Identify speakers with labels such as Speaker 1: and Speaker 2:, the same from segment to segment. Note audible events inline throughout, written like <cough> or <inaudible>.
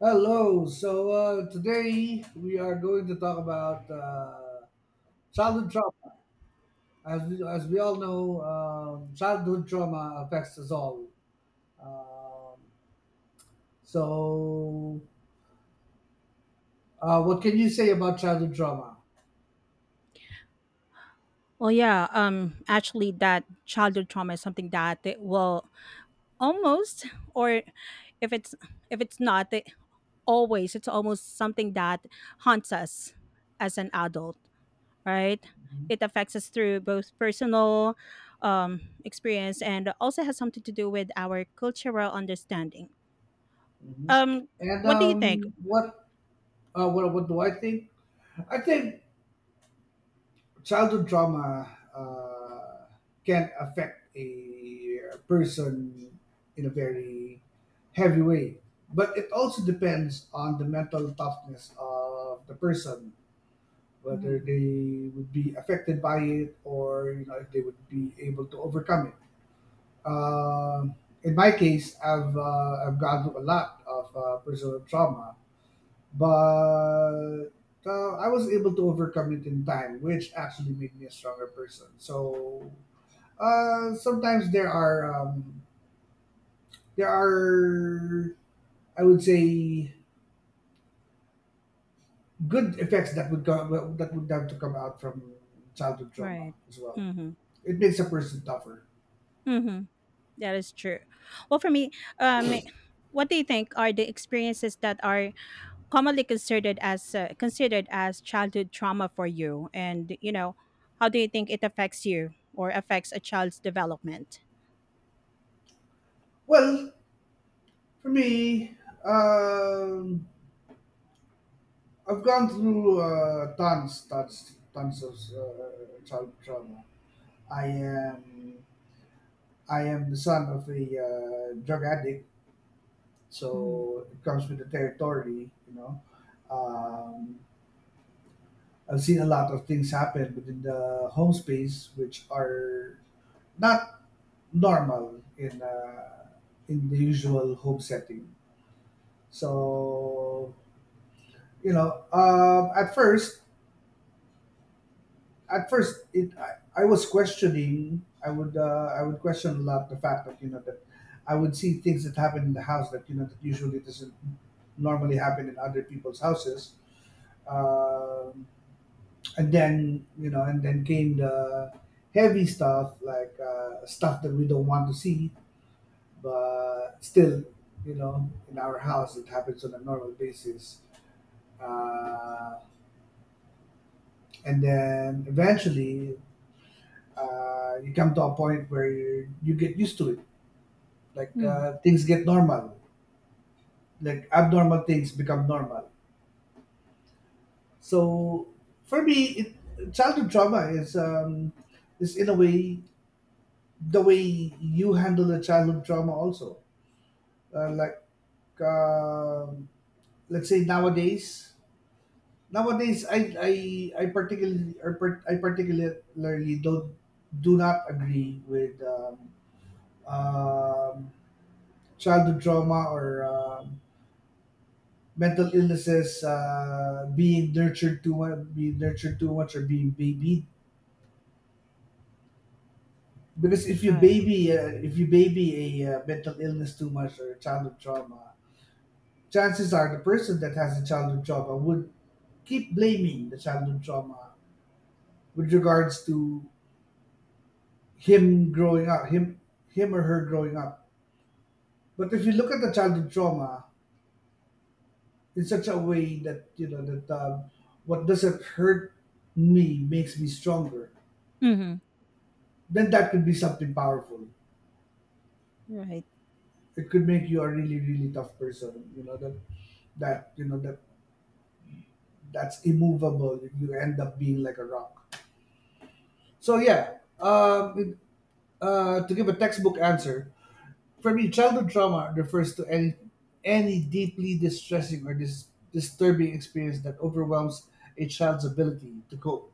Speaker 1: Hello. Today we are going to talk about childhood trauma. As we all know, childhood trauma affects us all. Um, so, what can you say about childhood trauma?
Speaker 2: Well, yeah, actually, that childhood trauma is something that it will almost, or if it's not, it always, it's almost something that haunts us as an adult, right?
Speaker 1: Mhm,
Speaker 2: It affects us through both personal experience and also has something to do with our cultural understanding.
Speaker 1: mhm.
Speaker 2: Um,
Speaker 1: And
Speaker 2: what do you think?
Speaker 1: what do I think? I think childhood trauma can affect a person in a very heavy way. But it also depends on the mental toughness of the person, whether
Speaker 2: Mm,
Speaker 1: they would be affected by it, or you know if they would be able to overcome it. Um in my case, I've gone through a lot of personal trauma, but I was able to overcome it in time, which actually made me a stronger person. So sometimes there are there are I would say good effects that would have to come out from childhood trauma
Speaker 2: right.
Speaker 1: as well.
Speaker 2: Mm-hmm.
Speaker 1: It makes a person tougher.
Speaker 2: Mm-hmm. That is true. Well, for me, um, what do you think are the experiences that are commonly considered as childhood trauma for you, and you know how do you think it affects you or affects a child's development?
Speaker 1: Well, for me, um, I've gone through tons, tons, tons of childhood trauma. I am I am the son of a drug addict,
Speaker 2: Mhm.
Speaker 1: so it comes with the territory. You know, um, I've seen a lot of things happen within the home space, which are not normal in the usual home setting. So you know, at first I was questioning. I would I would question a lot the fact that you know that I would see things that happen in the house that you know that usually doesn't normally happen in other people's houses. um, and then you know and then came the heavy stuff, like stuff that we don't want to see, but still you know in our house it happens on a normal basis. uh, and then eventually you come to a point where you get used to it. Like
Speaker 2: Mhm.
Speaker 1: things get normal, like abnormal things become normal. So for me, childhood trauma is in a way the way you handle a childhood trauma also. Uh, like um, let's say nowadays, nowadays I particularly, or I particularly don't, do not agree with um, childhood trauma or mental illnesses being nurtured too much, or being babied. Because if you
Speaker 2: Right.
Speaker 1: baby a mental illness too much, or childhood trauma, chances are the person that has a childhood trauma would keep blaming the childhood trauma with regards to him growing up him him or her growing up. But if you look at the childhood trauma in such a way that you know that what doesn't hurt me makes me stronger,
Speaker 2: Mhm.
Speaker 1: then that could be something powerful.
Speaker 2: Right.
Speaker 1: It could make you a really, really tough person, you know, that that's immovable. You end up being like a rock. So yeah, to give a textbook answer, for me childhood trauma refers to any deeply distressing or disturbing experience that overwhelms a child's ability to cope.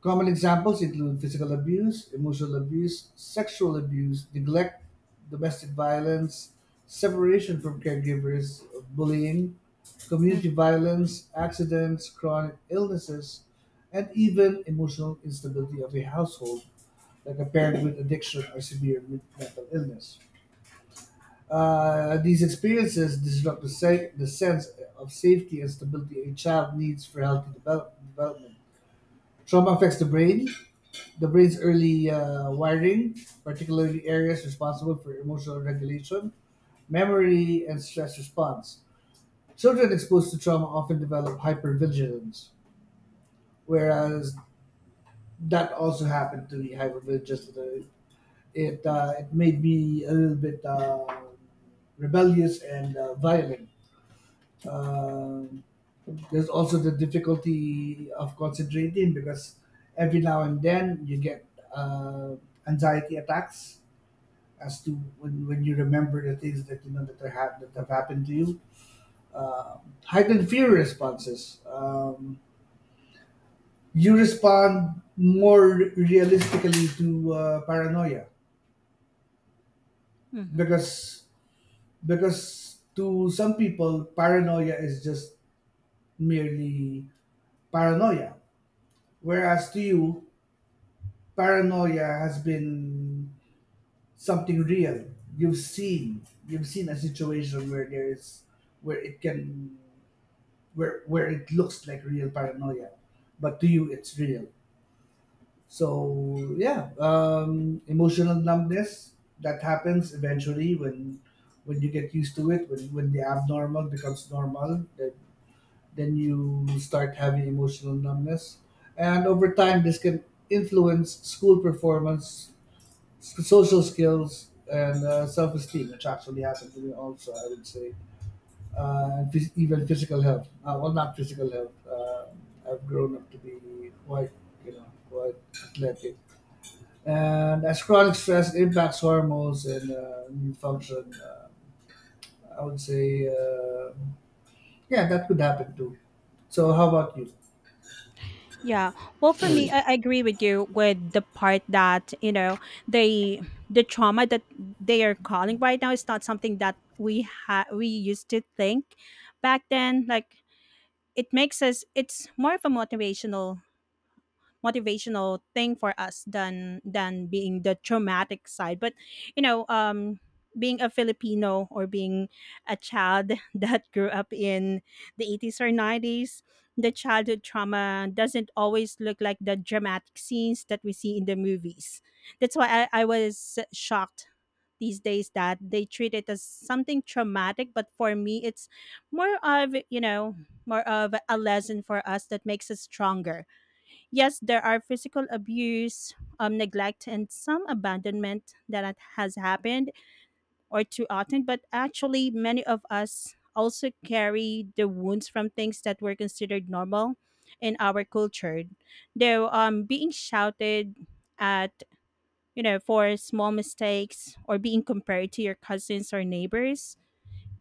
Speaker 1: Common examples include physical abuse, emotional abuse, sexual abuse, neglect, domestic violence, separation from caregivers, bullying, community
Speaker 2: Hmm.
Speaker 1: violence, accidents, chronic illnesses, and even emotional instability of a household, like a parent with addiction or severe mental illness. These experiences disrupt the sense of safety and stability a child needs for healthy development. Trauma affects the brain, the brain's early wiring, particularly areas responsible for emotional regulation, memory, and stress response. Children exposed to trauma often develop hypervigilance, whereas that also happened to me. Hypervigilance. It made me a little bit rebellious and violent. Um there's also the difficulty of concentrating, because every now and then you get uh, anxiety attacks as to when you remember the things that you know that that have happened to you. Heightened fear responses. You respond more realistically to paranoia,
Speaker 2: Hmm.
Speaker 1: because to some people paranoia is just merely paranoia, whereas to you paranoia has been something real. You've seen you've seen a situation where there is where it can where it looks like real paranoia, but to you it's real. So yeah, emotional numbness that happens eventually when you get used to it. When the abnormal becomes normal, then you start having emotional numbness, and over time this can influence school performance, social skills, and self esteem, which actually happened to me also. I would say even physical health. Well, not physical health. I've grown up to be quite, you know, quite athletic. And as chronic stress impacts hormones and immune function, I would say, yeah, that could happen too. So, how about you?
Speaker 2: Yeah. Well, for me, I agree with you with the part that you know they the trauma that they are calling right now is not something that we used to think back then. Like it makes us. It's more of a motivational thing for us than being the traumatic side, but you know being a Filipino or being a child <laughs> that grew up in the 80s or 90s, the childhood trauma doesn't always look like the dramatic scenes that we see in the movies. That's why I was shocked these days that they treat it as something traumatic, but for me it's more of you know more of a lesson for us that makes us stronger. Yes, there are physical abuse, neglect, and some abandonment that has happened or too often. But actually, many of us also carry the wounds from things that were considered normal in our culture. Though being shouted at, you know, for small mistakes, or being compared to your cousins or neighbors,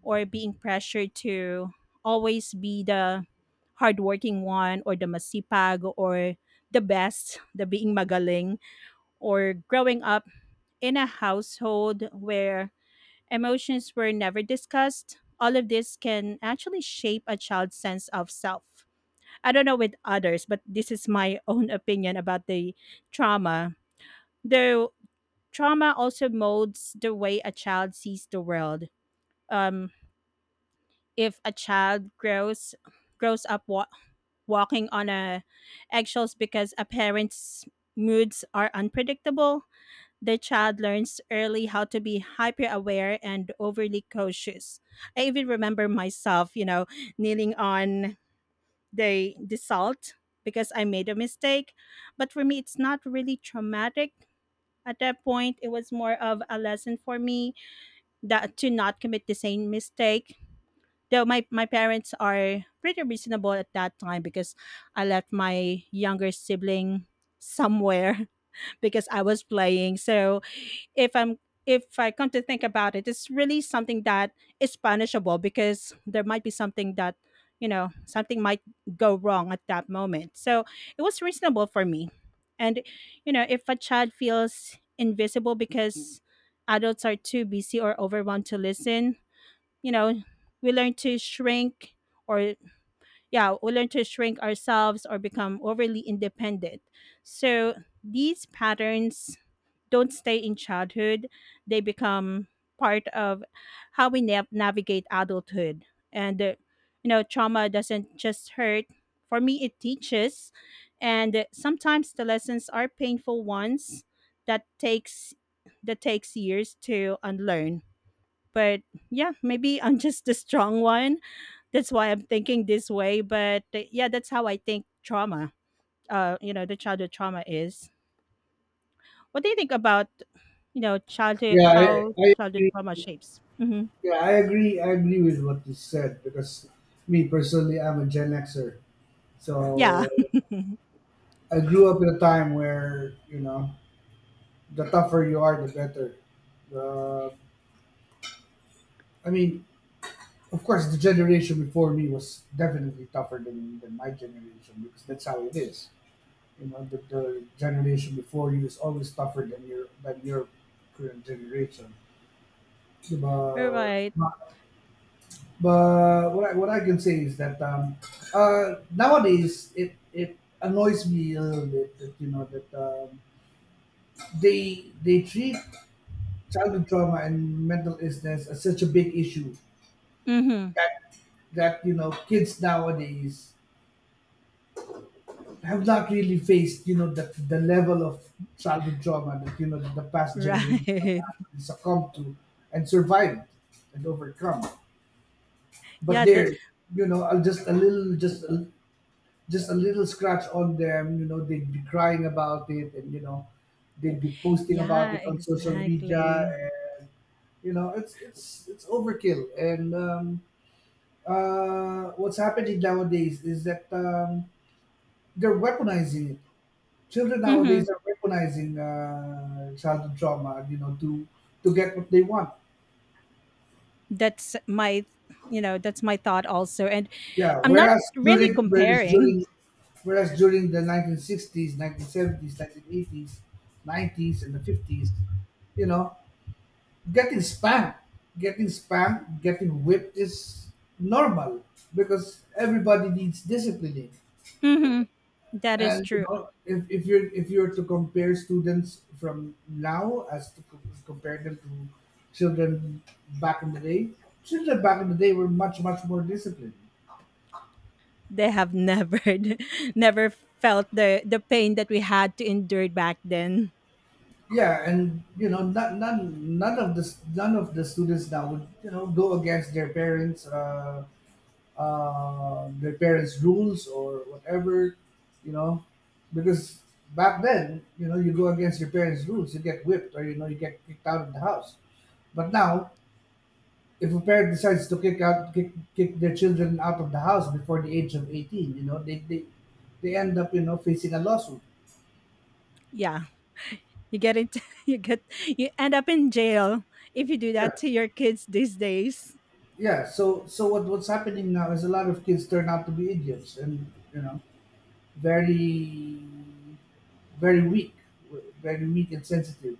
Speaker 2: or being pressured to always be the hardworking one, or the masipag, or the best, the being magaling, or growing up in a household where emotions were never discussed, all of this can actually shape a child's sense of self. I don't know with others, but this is my <laughs> own opinion about the trauma. Though trauma also molds the way a child sees the world. Um, if a child grows up walking on a eggshells because a parent's moods are unpredictable, the child learns early how to be hyper aware and overly cautious. I even remember myself, you know, kneeling on the salt because I made a mistake. But for me it's not really traumatic. At that point, it was more of a lesson for me that to not commit the same mistake. Though my parents are pretty reasonable at that time because I left my younger sibling somewhere <laughs> because I was playing. So if I'm if I come to think about it, it's really something that is punishable because there might be something that you know something might go wrong at that moment. So it was reasonable for me. And you know, if a child feels invisible because adults are too busy or overwhelmed to listen, you know we learn to shrink, or yeah we learn to shrink ourselves or become overly independent. So these patterns don't stay in childhood, they become part of how we navigate adulthood. And you know trauma doesn't just hurt, for me it teaches, and sometimes the lessons are painful ones that takes years to unlearn. But yeah, maybe I'm <laughs> just the strong one, that's why I'm thinking this way, but yeah that's how I think trauma you know the childhood trauma is. What do you think about you know childhood, how
Speaker 1: I
Speaker 2: childhood
Speaker 1: agree.
Speaker 2: trauma shapes? Hmm.
Speaker 1: Yeah, I agree. I agree with what you said, because me personally, I'm a Gen Xer.
Speaker 2: Yeah.
Speaker 1: So
Speaker 2: <laughs>
Speaker 1: I grew up in a time where you know the tougher you are, the better. The I mean, of course, the generation before me was definitely tougher than, my generation, because that's how it is. You know, the generation before you is always tougher than your current generation.
Speaker 2: All
Speaker 1: But
Speaker 2: right.
Speaker 1: what what I can say is that nowadays it annoys me a little bit that you know that they treat childhood trauma and mental illness as such a big issue,
Speaker 2: Mm-hmm.
Speaker 1: that that you know kids nowadays have not really faced, you know, the level of childhood trauma that you know the past generation have
Speaker 2: Right.
Speaker 1: actually succumbed to and survived and overcome.
Speaker 2: <laughs>
Speaker 1: But
Speaker 2: Yeah, that.
Speaker 1: they're, you know, just a little scratch on them. You know, they'd be crying about it, and you know, they'd be posting about
Speaker 2: Yeah,
Speaker 1: it on social media.
Speaker 2: exactly.
Speaker 1: And, you know, it's overkill. And what's happening nowadays is that they're weaponizing it. Children
Speaker 2: Mm-hmm.
Speaker 1: nowadays are weaponizing childhood trauma, you know, to get what they want.
Speaker 2: That's my you know that's my thought also. And
Speaker 1: Yeah.
Speaker 2: I'm not
Speaker 1: Whereas
Speaker 2: really
Speaker 1: during whereas
Speaker 2: comparing.
Speaker 1: during whereas during the 1960s, 1970s, 1980s, 90s, and the 50s, you know, getting spanked, getting whipped is normal, because everybody needs disciplining.
Speaker 2: Mm-hmm. That is
Speaker 1: And you
Speaker 2: true.
Speaker 1: know, if you're to compare students from now as to compare them to children back in the day, children back in the day were much, much more disciplined.
Speaker 2: They have never <laughs> never felt the pain that we had to endure back then.
Speaker 1: Yeah, and you know, not, none none of the none of the students now would you know go against their parents' rules or whatever, you know, because back then you know you go against your parents' rules, you get whipped, or you know you get kicked out of the house. But now, if a parent decides to kick their children out of the house before the age of 18, you know they end up you know facing a lawsuit.
Speaker 2: Yeah, you get into <laughs> you get you end up in jail if you do
Speaker 1: Yeah,
Speaker 2: that to your kids these days.
Speaker 1: yeah, so so what what's happening now is a lot of kids turn out to be idiots, and you know very, very weak very weak and sensitive.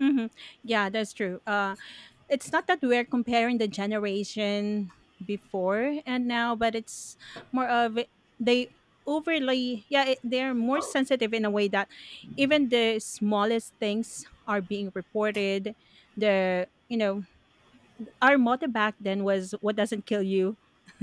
Speaker 2: Hmm. Yeah, that's true. It's not that we're comparing the generation before and now, but it's more of they overly, yeah, it, they're more sensitive in a way that even the smallest things are being reported. The you know our motto back then was what doesn't kill you <laughs>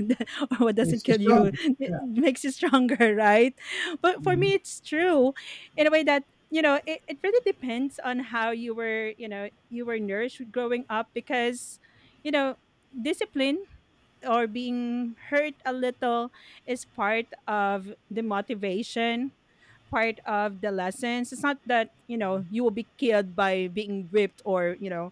Speaker 2: or what doesn't
Speaker 1: It's you
Speaker 2: kill you
Speaker 1: stronger,
Speaker 2: <laughs> it
Speaker 1: yeah.
Speaker 2: makes you stronger <laughs> right? But for
Speaker 1: Mhm.
Speaker 2: me it's true in a way that you know it really depends on how you were you know you were nourished growing up, because you know discipline or being hurt a little is part of the motivation, part of the lessons. It's not that you know you will be killed by being whipped, or you know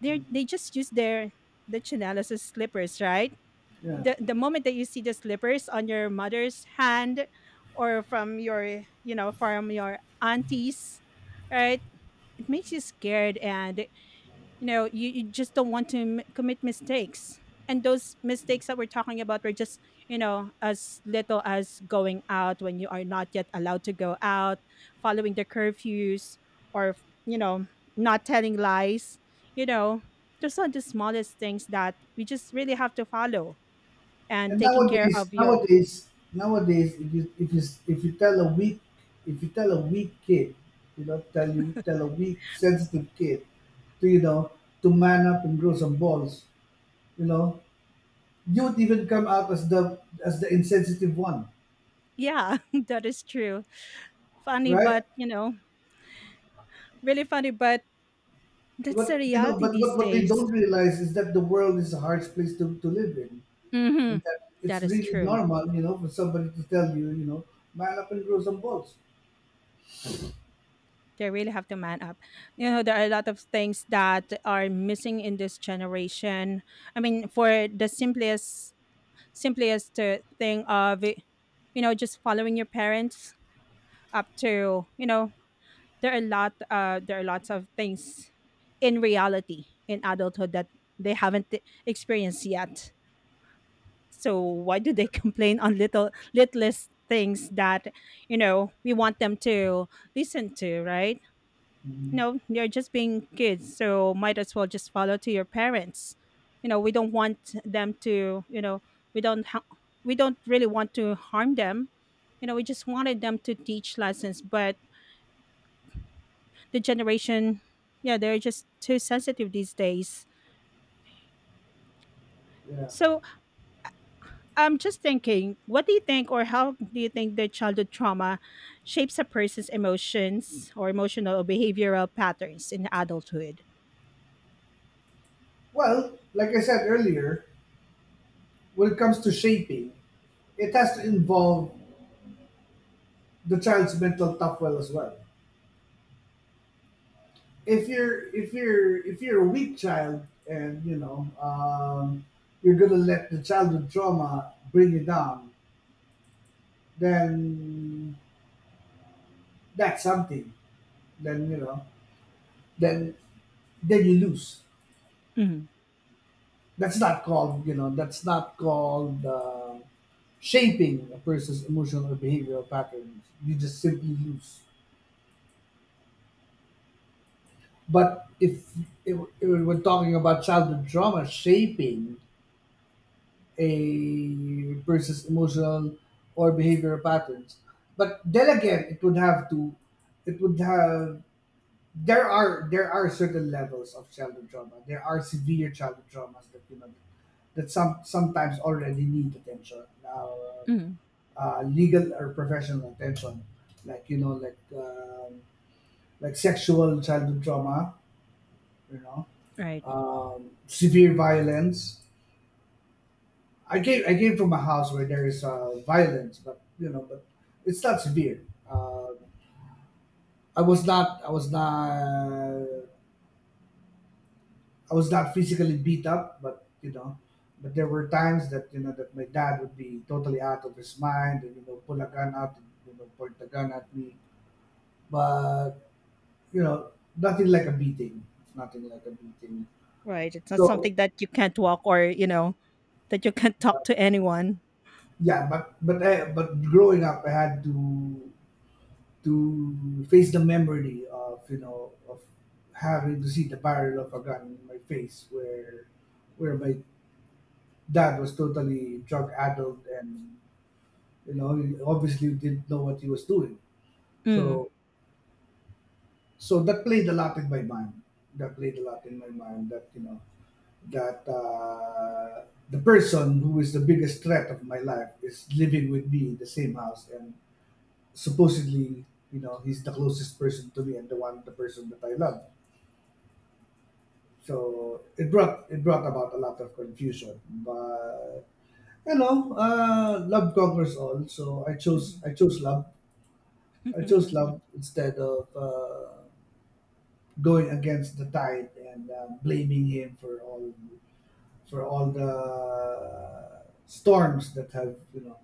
Speaker 2: they just use their the chinelas as slippers, right?
Speaker 1: Yeah.
Speaker 2: The moment that you see the slippers on your mother's hand or from your you know, from your aunties, right? It makes you scared, and you know you just don't want to commit mistakes. And those mistakes that we're talking about were just you know as little as going out when you are not yet allowed to go out, following the curfews, or you know not telling lies, you know, those are the smallest things that we just really have to follow, and
Speaker 1: And
Speaker 2: taking care
Speaker 1: nowadays,
Speaker 2: of your
Speaker 1: nowadays, nowadays, if you tell a weak, if you tell a weak kid, you know,
Speaker 2: <laughs>
Speaker 1: tell a weak sensitive kid, to you know, to man up and grow some balls, you know, you would even come out as the insensitive one,
Speaker 2: Yeah, <laughs> that is true. Funny,
Speaker 1: right?
Speaker 2: but you know, really funny, but that's the
Speaker 1: But you know,
Speaker 2: reality
Speaker 1: but
Speaker 2: these
Speaker 1: what they
Speaker 2: days.
Speaker 1: don't realize is that the world is a harsh place to live in,
Speaker 2: Mm-hmm.
Speaker 1: and that it's
Speaker 2: That is
Speaker 1: really
Speaker 2: true.
Speaker 1: normal, you know, for somebody to tell you, you know, man up and grow some balls.
Speaker 2: They really have to man up. You know, there are a lot of things that are missing in this generation. I mean, for the simplest thing of, it, you know, just following your parents up to, you know, there are a lot, there are lots of things in reality in adulthood that they haven't experienced yet. So why do they <laughs> complain on littlest things that you know we want them to listen to, right? You
Speaker 1: Mhm.
Speaker 2: know, they're just being kids, so might as well just follow to your parents. You know, we don't want them to, you know, we don't ha- we don't really want to harm them. You know, we just wanted them to teach lessons, but the generation, yeah, they're just too sensitive these days.
Speaker 1: Yeah.
Speaker 2: So I'm just thinking, what do you think, or how do you think the childhood trauma shapes a person's emotions or emotional or behavioral patterns in adulthood?
Speaker 1: Well, like I said earlier, when it comes to shaping, it has to involve the child's mental toughness as well. If you're a weak child, and you know you're gonna let the childhood trauma bring you down, then that's something. Then you know then you lose.
Speaker 2: Mhm.
Speaker 1: That's not called you know that's not called. Shaping a person's emotional or behavioral patterns. You just simply lose. But if it, we're talking about childhood trauma shaping a person's emotional or behavioral patterns, but then again, it would have to, it would have. There are certain levels of childhood trauma. There are severe childhood traumas that you know that sometimes already need attention, now,
Speaker 2: Mhm.
Speaker 1: legal or professional attention, like you know, like sexual childhood trauma, you know,
Speaker 2: Right.
Speaker 1: severe violence. I came from a house where there is violence, but you know, but it's not severe. Uh, I was not I was not physically beat up, but you know, but there were times that you know that my dad would be totally out of his mind and you know pull a gun out and you know point the gun at me, but you know nothing like a beating, nothing like a beating.
Speaker 2: Right. It's not
Speaker 1: So
Speaker 2: something that you can't walk, or, you know, that you can't talk to anyone.
Speaker 1: yeah, but growing up, I had to face the memory of you know of having to see the barrel of a gun in my face where my dad was totally drug addled and you know he obviously didn't know what he was doing,
Speaker 2: Mm.
Speaker 1: so so that played a lot in my mind, that played a lot in my mind that you know that the person who is the biggest threat of my life is living with me in the same house and supposedly you know he's the closest person to me and the person that I love. So it brought about a lot of confusion, but you know, love conquers all. So I chose
Speaker 2: Mhm.
Speaker 1: I chose love. I chose
Speaker 2: <laughs>
Speaker 1: love instead of going against the tide and blaming him for all, for all the storms that have you know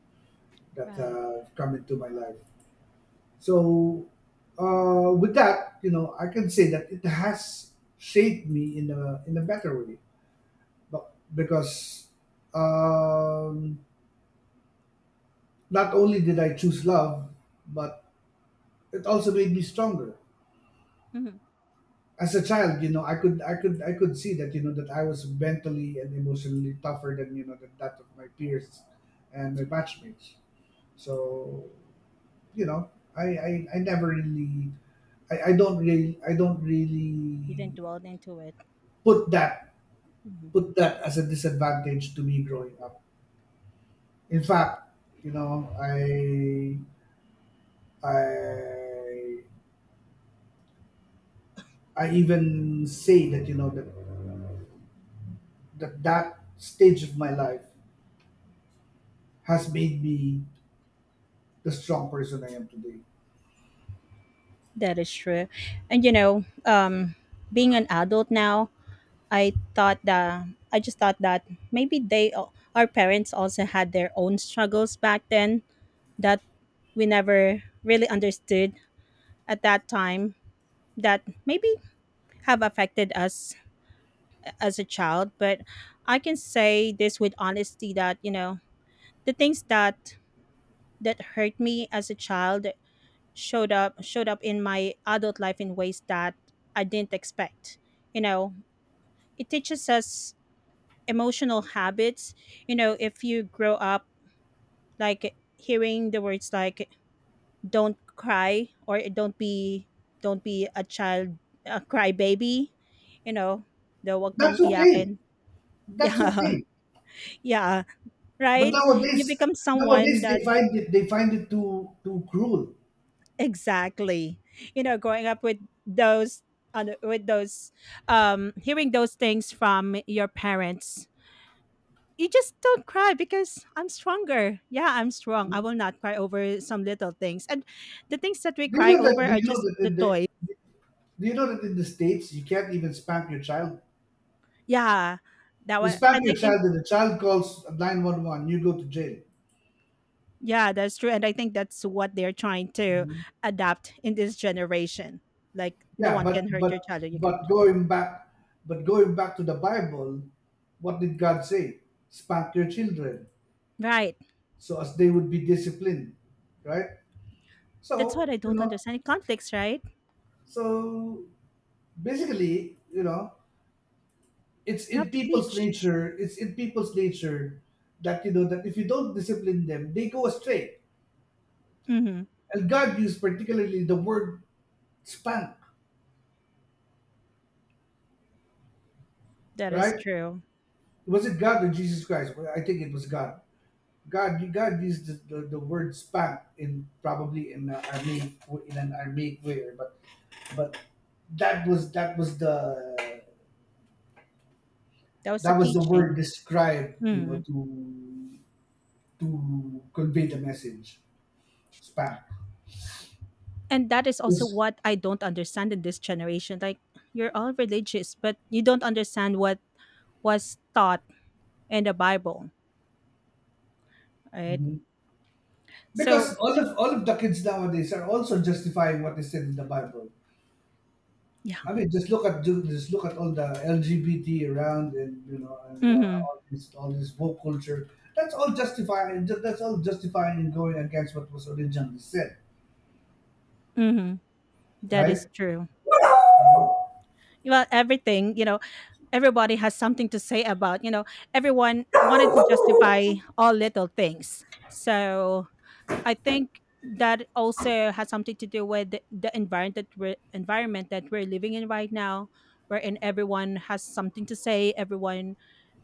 Speaker 1: that
Speaker 2: Right.
Speaker 1: have come into my life. So with that, you know, I can say that it has shaped me in a better way. But because um, not only did I choose love, but it also made me stronger.
Speaker 2: Mhm.
Speaker 1: As a child, you know, I could see that, you know, that I was mentally and emotionally tougher than you know than that of my peers and my batchmates. So, you know, I never really, I don't
Speaker 2: You
Speaker 1: really
Speaker 2: didn't dwell into it.
Speaker 1: put that,
Speaker 2: Mhm.
Speaker 1: put that as a disadvantage to me growing up. In fact, you know, I I even say that you know that that stage of my life has made me the strong person I am today.
Speaker 2: That is true. And, you know, being an adult now, I just thought that maybe our parents also had their own struggles back then that we never really understood at that time, that maybe have affected us as a child. But I can say this with honesty that you know the things that hurt me as a child showed up in my adult life in ways that I didn't expect. You know it teaches us emotional habits. You know if you grow up like hearing the words like don't cry, or don't be a child, a crybaby, you know, the wag kang
Speaker 1: That's okay.
Speaker 2: iyakin <laughs>
Speaker 1: That's
Speaker 2: yeah.
Speaker 1: okay.
Speaker 2: Yeah.
Speaker 1: But
Speaker 2: Right. You
Speaker 1: nowadays
Speaker 2: become someone
Speaker 1: nowadays
Speaker 2: that,
Speaker 1: they find it too cruel.
Speaker 2: exactly, you know growing up with those on with those hearing those things from your parents, you just don't cry because I'm stronger. Yeah, I'm strong. I will not cry over some little things. And the things that we
Speaker 1: Do you
Speaker 2: cry
Speaker 1: know that
Speaker 2: over
Speaker 1: do
Speaker 2: are
Speaker 1: you know
Speaker 2: just
Speaker 1: that
Speaker 2: the
Speaker 1: in
Speaker 2: toys.
Speaker 1: the Do you know that in the States you can't even spank your child?
Speaker 2: Yeah. That
Speaker 1: You
Speaker 2: was, and
Speaker 1: spank
Speaker 2: I
Speaker 1: your
Speaker 2: think
Speaker 1: child and the child calls 911, you go to jail.
Speaker 2: yeah, that's true. And I think that's what they're trying to adapt in this generation. Like no
Speaker 1: Yeah,
Speaker 2: one
Speaker 1: but
Speaker 2: can hurt your
Speaker 1: but
Speaker 2: child. Or you can,
Speaker 1: but going back, but going back to the Bible, what did God say? Spank your children,
Speaker 2: right.
Speaker 1: so as they would be disciplined, right?
Speaker 2: That's what
Speaker 1: So
Speaker 2: I
Speaker 1: you
Speaker 2: don't
Speaker 1: know,
Speaker 2: understand. Conflicts, right?
Speaker 1: so basically, you know, it's
Speaker 2: You have
Speaker 1: in
Speaker 2: to
Speaker 1: people's
Speaker 2: teach.
Speaker 1: nature. It's in people's nature that you know that if you don't discipline them, they go astray.
Speaker 2: Mm-hmm.
Speaker 1: And God used particularly the word spank,
Speaker 2: That is
Speaker 1: right?
Speaker 2: true.
Speaker 1: Was it God or Jesus Christ? Well, I think it was God. God used the word spank in probably in a Aramaic, in an Aramaic way, but but that was that was the
Speaker 2: That was the
Speaker 1: that was the word
Speaker 2: teaching.
Speaker 1: described, you know,
Speaker 2: Mhm.
Speaker 1: to convey the message. Spank.
Speaker 2: And that is also
Speaker 1: Because
Speaker 2: what I don't understand in this generation. Like you're all religious, but you don't understand what was taught in the Bible, right?
Speaker 1: mhm.
Speaker 2: So
Speaker 1: Because all of the kids nowadays are also justifying what is said in the Bible.
Speaker 2: yeah,
Speaker 1: I mean, just look at just look at all the LGBT around, and you know, and
Speaker 2: mm-hmm,
Speaker 1: all this woke culture. That's all justifying. That's all justifying and going against what was originally said,
Speaker 2: mm-hmm, that is
Speaker 1: right?
Speaker 2: true. Well, everything you know, everybody has something to say about you know. Everyone wanted to justify all little things, so I think that also has something to do with the environment environment that we're living in right now, wherein everyone has something to say, everyone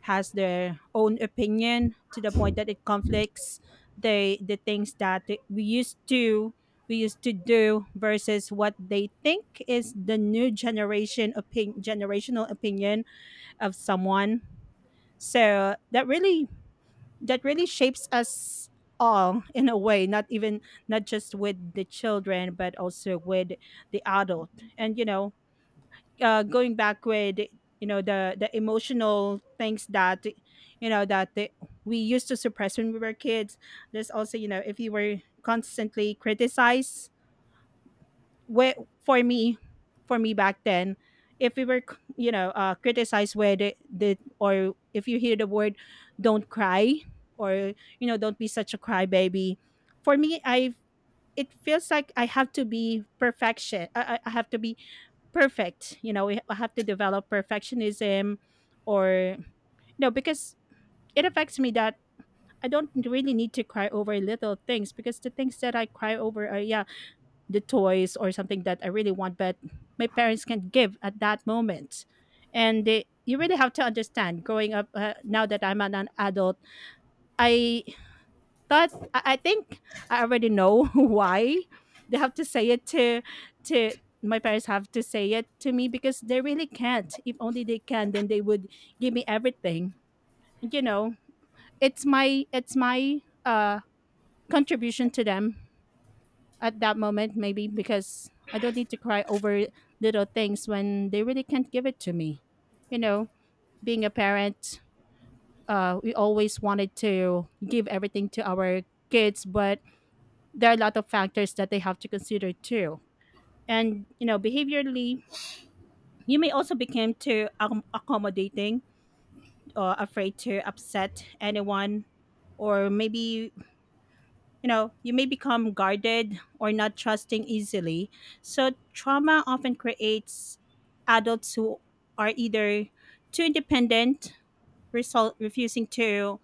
Speaker 2: has their own opinion to the point that it conflicts the things that we used to we used to do versus what they think is the new generation opinion generational opinion of someone, so that really that really shapes us all in a way, not even not just with the children but also with the adult. And you know, going back with you know the emotional things that you know that the, we used to suppress when we were kids. There's also, you know, if you were constantly criticized, where for me for me back then, if we were criticized where the, or if you hear the word don't cry, or you know, don't be such a crybaby, for me I it feels like I have to be I have to be perfect. You know, I have to develop perfectionism. Or no, because it affects me that I don't really need to cry over little things, because the things that I cry over are, yeah, the toys or something that I really want, but my parents can't give at that moment. And they, you really have to understand growing up, now that I'm an adult, I I think I already know <laughs> why they have to say it to, my parents have to say it to me, because they really can't. If only they can, then they would give me everything. You know, it's my uh contribution to them at that moment, maybe, because I don't need to cry over little things when they really can't give it to me. You know, being a parent, we always wanted to give everything to our kids, but there are a lot of factors that they have to consider too. And you know, behaviorally, you may also become too accommodating, or afraid to upset anyone, or maybe, you know, you may become guarded or not trusting easily. So trauma often creates adults who are either too independent, refusing to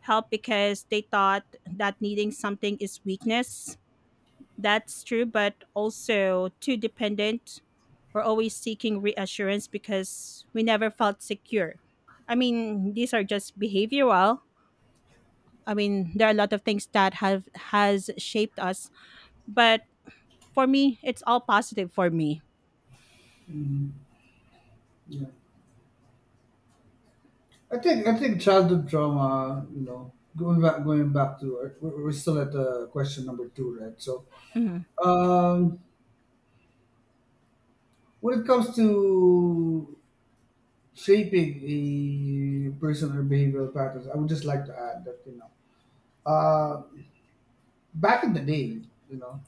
Speaker 2: help because they thought that needing something is weakness. That's true, but also too dependent. We're always seeking reassurance because we never felt secure. I mean, these are just behavioral. I mean, there are a lot of things that have has shaped us, but for me, it's all positive for me.
Speaker 1: Mm, yeah, I think childhood trauma. You know, going back to we're still at question number two, right? So,
Speaker 2: Mhm.
Speaker 1: um, when it comes to shaping a person or behavioral patterns, I would just like to add that you know. uh, back in the day, you know,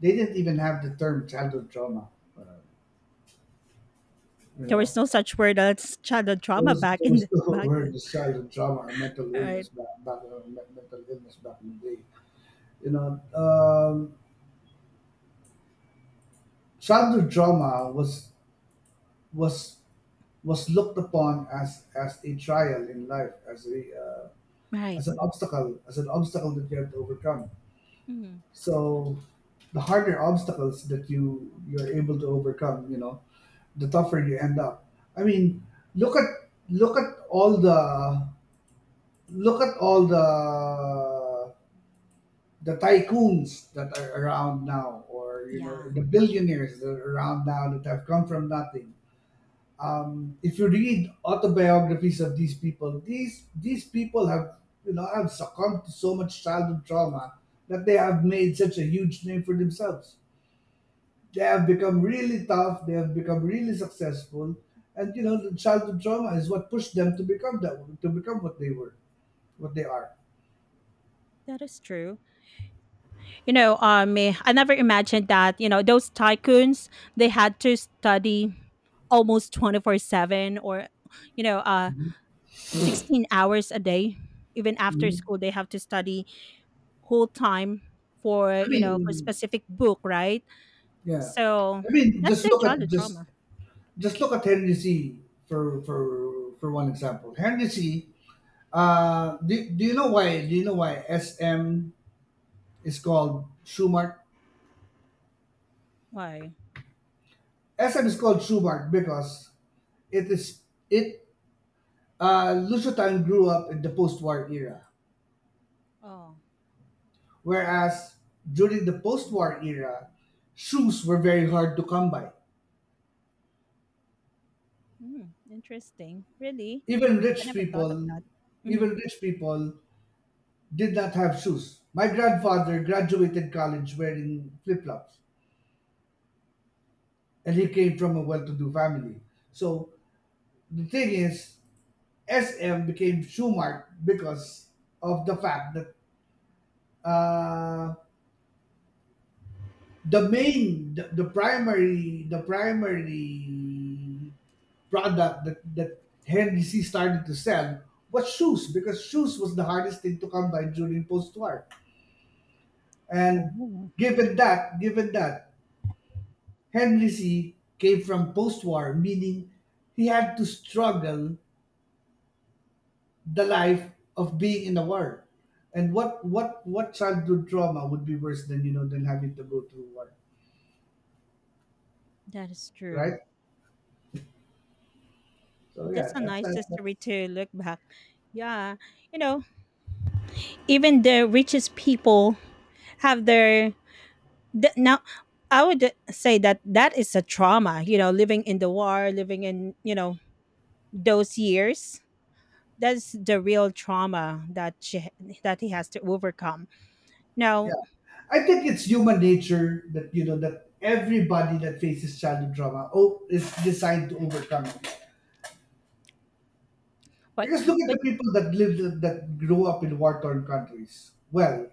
Speaker 1: they didn't even have the term childhood trauma. Uh, You
Speaker 2: There was
Speaker 1: know,
Speaker 2: no such word as childhood
Speaker 1: there
Speaker 2: trauma
Speaker 1: was
Speaker 2: back
Speaker 1: there
Speaker 2: in
Speaker 1: was still <laughs> a
Speaker 2: back
Speaker 1: word
Speaker 2: then.
Speaker 1: as childhood trauma or mental
Speaker 2: Right.
Speaker 1: illness back back or me- mental illness back in the day. You know, childhood trauma was was was looked upon as a trial in life, as a
Speaker 2: Right.
Speaker 1: as an obstacle that you have to overcome.
Speaker 2: Mhm.
Speaker 1: So the harder obstacles that you're able to overcome, you know, the tougher you end up. I mean, look at look at all the look at all the tycoons that are around now, or you know,
Speaker 2: Yeah.
Speaker 1: the billionaires that are around now that have come from nothing. If you read autobiographies of these people, these people have you know have succumbed to so much childhood trauma that they have made such a huge name for themselves, they have become really tough, they have become really successful, and you know the childhood trauma is what pushed them to become that, to become what they were, what they are.
Speaker 2: That is true. You know, I never imagined that, you know, those tycoons, they had to study almost 24/7, or you know, 16 hours a day. Even after
Speaker 1: Mhm.
Speaker 2: school they have to study whole time, for
Speaker 1: I
Speaker 2: you know, for
Speaker 1: mean,
Speaker 2: specific book, right?
Speaker 1: yeah,
Speaker 2: So
Speaker 1: I mean
Speaker 2: that's their childhood trauma.
Speaker 1: just look at Henry C for one example. Henry C. Do you know why? Do you know why SM is called Schumart?
Speaker 2: Why?
Speaker 1: SM is called Schumart because it is it. Lushotan grew up in the post-war era.
Speaker 2: Oh,
Speaker 1: Whereas during the post war era, shoes were very hard to come by.
Speaker 2: mm, interesting, really.
Speaker 1: Even
Speaker 2: I
Speaker 1: rich
Speaker 2: never thought of
Speaker 1: people,
Speaker 2: that. Hmm.
Speaker 1: even rich people did not have shoes. My grandfather graduated college wearing flip flops, and he came from a well to do family. So the thing is, SM became Shoe Mart because of the fact that uh, the primary product that Henry C started to sell was shoes because shoes was the hardest thing to come by during post-war. And
Speaker 2: Oh,
Speaker 1: given that Henry C came from post-war, meaning he had to struggle the life of being in the war. And what childhood trauma would be worse than you know than having to go through war,
Speaker 2: that is true.
Speaker 1: right? So
Speaker 2: That's
Speaker 1: yeah,
Speaker 2: a
Speaker 1: that's
Speaker 2: nice
Speaker 1: that.
Speaker 2: history to look back. Yeah, you know, even the richest people have their now, I would say that that is a trauma, you know, living in the war, living in, you know, those years. That's the real trauma that she that he has to overcome now.
Speaker 1: Yeah. I think it's human nature that you know that everybody that faces childhood trauma oh is designed to overcome it.
Speaker 2: but
Speaker 1: Because look at
Speaker 2: but
Speaker 1: the people that grew up in war torn countries. Well,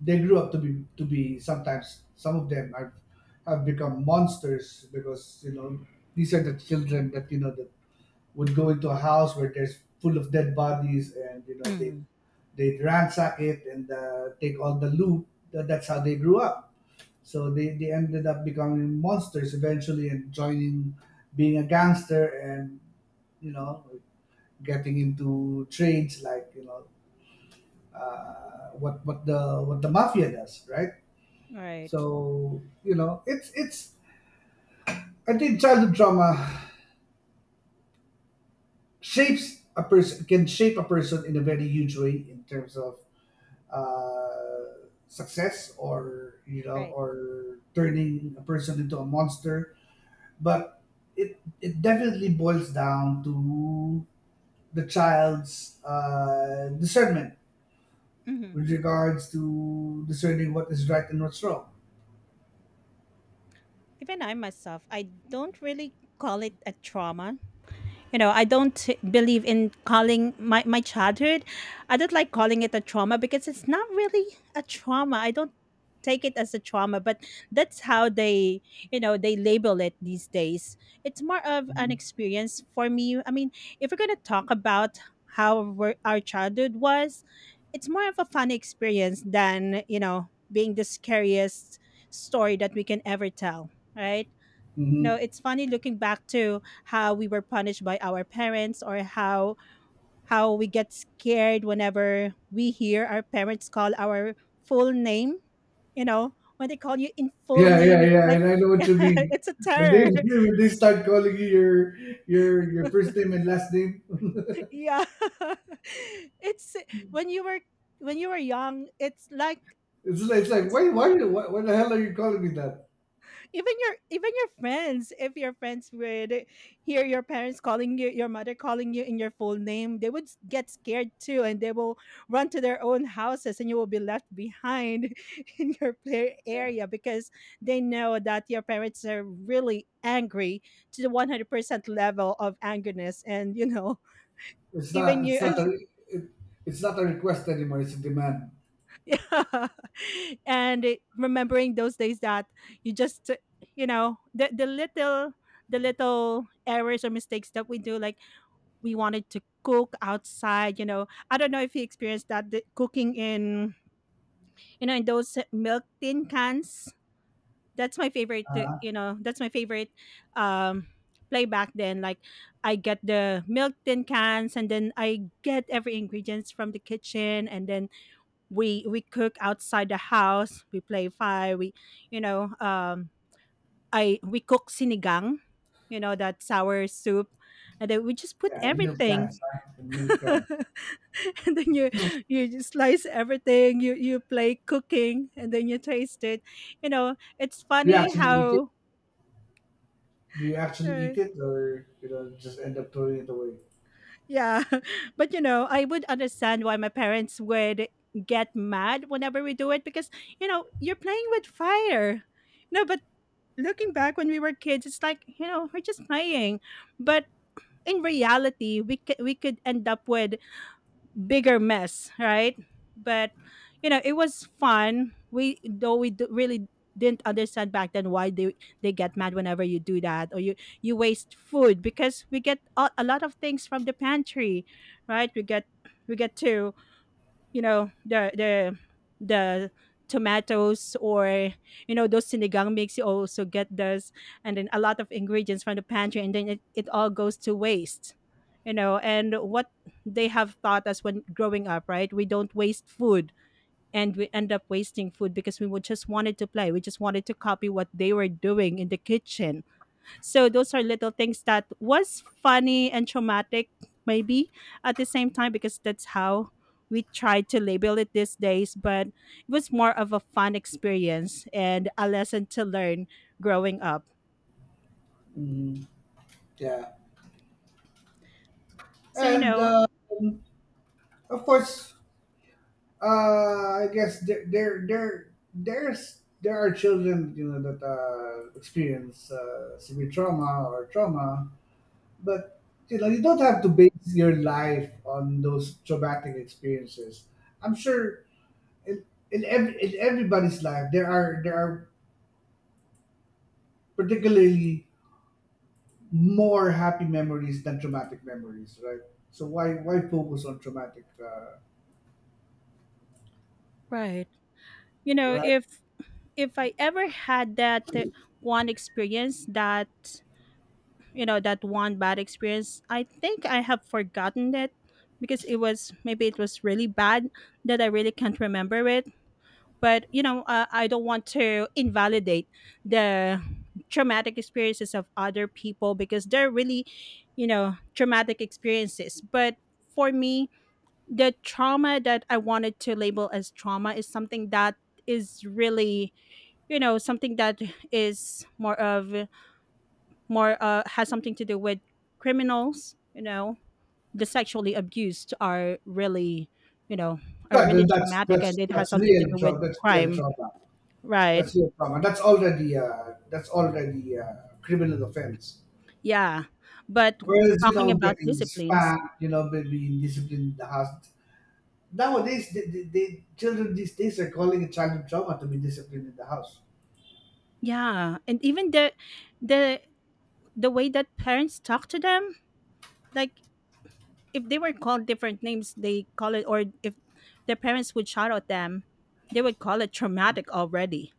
Speaker 1: they grew up to be sometimes some of them have become monsters because you know these are the children that you know that would go into a house where there's full of dead bodies and you know they
Speaker 2: mm,
Speaker 1: ransack it and take all the loot. That's how they grew up. So they ended up becoming monsters eventually and joining, being a gangster, and, you know, getting into trades like, you know, what the mafia does, right?
Speaker 2: right,
Speaker 1: So, you know, it's I think childhood trauma shapes a person can shape a person in a very huge way in terms of success or you know
Speaker 2: right.
Speaker 1: or turning a person into a monster, but it definitely boils down to the child's discernment
Speaker 2: Hmm.
Speaker 1: with regards to discerning what is right and what's wrong.
Speaker 2: Even I myself, I don't really call it a trauma. You know, I don't believe in calling my childhood, I don't like calling it a trauma because it's not really a trauma. I don't take it as a trauma, but that's how they, you know, they label it these days. It's more of an experience for me. I mean, if we're going to talk about how our childhood was, it's more of a fun experience than, you know, being the scariest story that we can ever tell, right? You know,
Speaker 1: Mhm.
Speaker 2: it's funny looking back to how we were punished by our parents, or how we get scared whenever we hear our parents call our full name. You know, when they call you in full
Speaker 1: Yeah,
Speaker 2: name,
Speaker 1: yeah,
Speaker 2: it's
Speaker 1: yeah,
Speaker 2: like
Speaker 1: and I know
Speaker 2: <laughs>
Speaker 1: what you mean.
Speaker 2: it's a
Speaker 1: When they <laughs>
Speaker 2: terror.
Speaker 1: when they start calling you your first name and last name,
Speaker 2: <laughs> Yeah. <laughs> it's when you were young it's like.
Speaker 1: it's like
Speaker 2: It's
Speaker 1: why the hell are you calling me that?
Speaker 2: even your friends, if your friends would hear your parents calling you, your mother calling you in your full name, they would get scared too, and they will run to their own houses, and you will be left behind <laughs> in your play area, because they know that your parents are really angry to the 100% level of angerness, and you know,
Speaker 1: It's
Speaker 2: even
Speaker 1: not
Speaker 2: you
Speaker 1: it's not
Speaker 2: as—
Speaker 1: a it, it's not a request anymore. It's a demand.
Speaker 2: Yeah. <laughs> And it, remembering those days that you just, you know, the little errors or mistakes that we do, like we wanted to cook outside. You know, I don't know if you experienced that, the cooking in, you know, in those milk tin cans. That's my favorite. You know, that's my favorite um, play back then. Like, I get the milk tin cans, and then I get every ingredients from the kitchen, and then we cook outside the house, we play fire, we, you know, I we cook sinigang, you know, that sour soup, and then we just put
Speaker 1: Yeah, and milk cans,
Speaker 2: everything.
Speaker 1: huh? And milk
Speaker 2: <laughs>
Speaker 1: cans.
Speaker 2: And then you just slice everything, you play cooking, and then you taste it. You know, it's
Speaker 1: Do you
Speaker 2: funny
Speaker 1: actually eat it?
Speaker 2: how—
Speaker 1: Do you actually
Speaker 2: uh,
Speaker 1: eat it, or you know just end up throwing it away?
Speaker 2: yeah. <laughs> But you know, I would understand why my parents would get mad whenever we do it, because you know, you're playing with fire. No, but looking back, when we were kids, it's like, you know, we're just playing. But in reality, we could end up with bigger mess, right? But you know, it was fun. We though really didn't understand back then why they get mad whenever you do that, or you waste food, because we get a lot of things from the pantry, right? We get to, you know, the tomatoes, or you know, those sinigang mix, you also get those, and then a lot of ingredients from the pantry, and then it all goes to waste. You know, and what they have taught us when growing up, right? We don't waste food, and we end up wasting food because we would just wanted to play, we just wanted to copy what they were doing in the kitchen. So those are little things that was funny and traumatic, maybe, at the same time, because that's how we try to label it these days, but it was more of a fun experience and a lesson to learn growing up.
Speaker 1: Mm, yeah,
Speaker 2: So you
Speaker 1: and
Speaker 2: know.
Speaker 1: of course I guess there are children you know that experience severe trauma or trauma, but you know you don't have to base your life on those traumatic experiences. I'm sure in in everybody's life there are particularly more happy memories than traumatic memories, right? So why focus on traumatic?
Speaker 2: Right. You know,
Speaker 1: Right?
Speaker 2: if I ever had that, one experience, that you know, that one bad experience, I think I have forgotten it, because it was, maybe it was really bad that I really can't remember it. But you know, I don't want to invalidate the traumatic experiences of other people, because they're really, you know, traumatic experiences. But for me, the trauma that I wanted to label as trauma is something that is really, you know, something that is more, has something to do with criminals. You know, the sexually abused are really, you know, are really
Speaker 1: That's
Speaker 2: traumatic, and it has something to
Speaker 1: real
Speaker 2: do with
Speaker 1: trauma. That's real
Speaker 2: crime,
Speaker 1: trauma.
Speaker 2: right?
Speaker 1: That's your trauma. That's already a criminal offense.
Speaker 2: Yeah, but
Speaker 1: Whereas you
Speaker 2: talking
Speaker 1: know,
Speaker 2: about
Speaker 1: getting
Speaker 2: disciplines.
Speaker 1: spanked, you know, maybe disciplined in the house. Nowadays, children these days are calling it childhood trauma to be disciplined in the house.
Speaker 2: Yeah, and even the, the the way that parents talk to them, like if they were called different names, they call it, or if their parents would shout at them, they would call it traumatic already.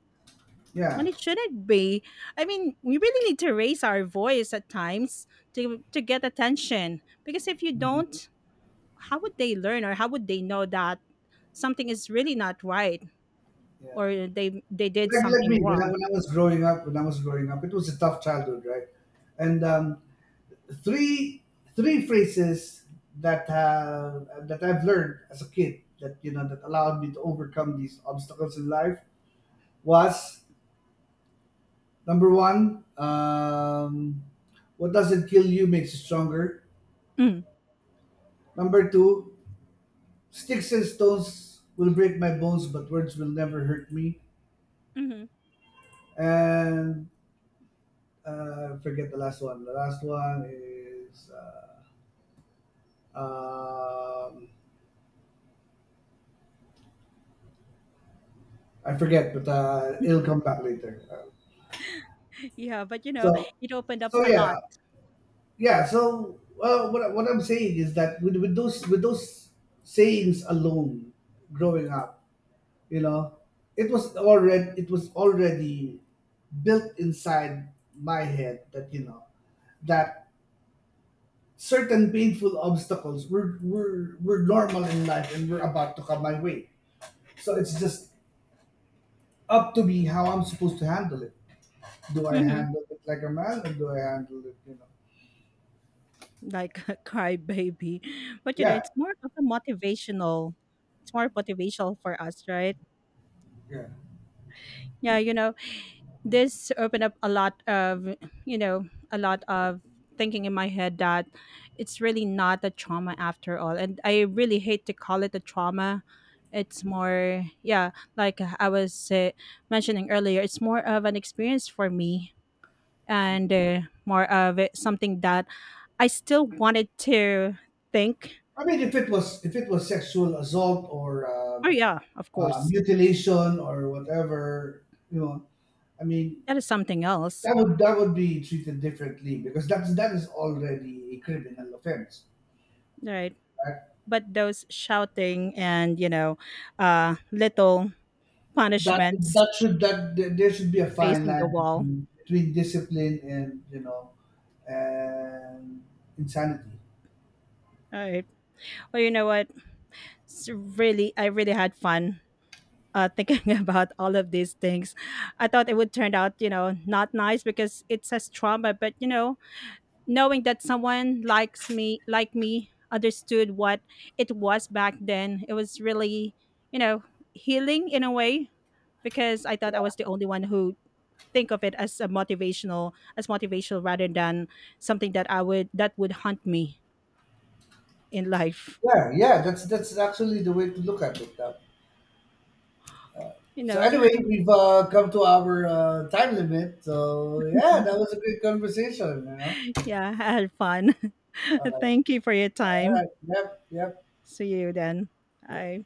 Speaker 2: When
Speaker 1: Yeah,
Speaker 2: it shouldn't be. I mean, we really need to raise our voice at times to get attention, because if you don't, how would they learn, or how would they know that something is really not right,
Speaker 1: yeah.
Speaker 2: or they did
Speaker 1: Like
Speaker 2: something
Speaker 1: me
Speaker 2: wrong?
Speaker 1: when I was growing up, when I was growing up, it was a tough childhood, right? And three three phrases that that I've learned as a kid that you know that allowed me to overcome these obstacles in life was. Number one, what doesn't kill you makes you stronger.
Speaker 2: Mm.
Speaker 1: Number two, sticks and stones will break my bones, but words will never hurt me.
Speaker 2: Mhm.
Speaker 1: And forget the last one. The last one is um, I forget, but it'll come
Speaker 2: <laughs>
Speaker 1: back later.
Speaker 2: Yeah, but, you know,
Speaker 1: So
Speaker 2: it opened up
Speaker 1: so
Speaker 2: a lot.
Speaker 1: yeah, yeah. So well, what I'm saying is that with those sayings alone, growing up. You know, it was already built inside my head that you know that certain painful obstacles were were normal in life and were about to come my way. So it's just up to me how I'm supposed to handle it. Do I
Speaker 2: Mhm.
Speaker 1: handle it like a man or do I handle it, you know?
Speaker 2: Like <laughs> cry baby. But you know,
Speaker 1: Yeah,
Speaker 2: it's more of a motivational. It's more motivational for us, right?
Speaker 1: yeah.
Speaker 2: Yeah, you know, this opened up a lot of, you know, a lot of thinking in my head, that it's really not a trauma after all, and I really hate to call it a trauma. It's more, yeah, like I was, mentioning earlier, it's more of an experience for me. And more of it, something that I still wanted to think.
Speaker 1: I mean, if it was sexual assault or
Speaker 2: Oh yeah, of course,
Speaker 1: mutilation or whatever, you know, I mean,
Speaker 2: that is something else,
Speaker 1: that would be treated differently because that is already a criminal offense.
Speaker 2: right?
Speaker 1: Right?
Speaker 2: But those shouting, and you know, little
Speaker 1: That
Speaker 2: punishments,
Speaker 1: that should that there should be a fine
Speaker 2: facing the
Speaker 1: line
Speaker 2: wall.
Speaker 1: between discipline and you know and insanity.
Speaker 2: All right. Well, you know what? It's really, I really had fun, thinking <laughs> about all of these things. I thought it would turn out, you know, not nice because it says trauma, but you know, knowing that someone like me, understood what it was back then, it was really, you know, healing in a way, because I thought I was the only one who think of it as a motivational, as motivational, rather than something that I would that would haunt me in life.
Speaker 1: Yeah, yeah, that's actually the way to look at it. Now.
Speaker 2: You
Speaker 1: So
Speaker 2: know,
Speaker 1: anyway, we've come to our time limit. So yeah, that was a great conversation. You know.
Speaker 2: yeah, I had fun. <laughs>
Speaker 1: Uh,
Speaker 2: Thank you for your
Speaker 1: all
Speaker 2: time.
Speaker 1: right. Yep. Yep.
Speaker 2: See you then. Bye.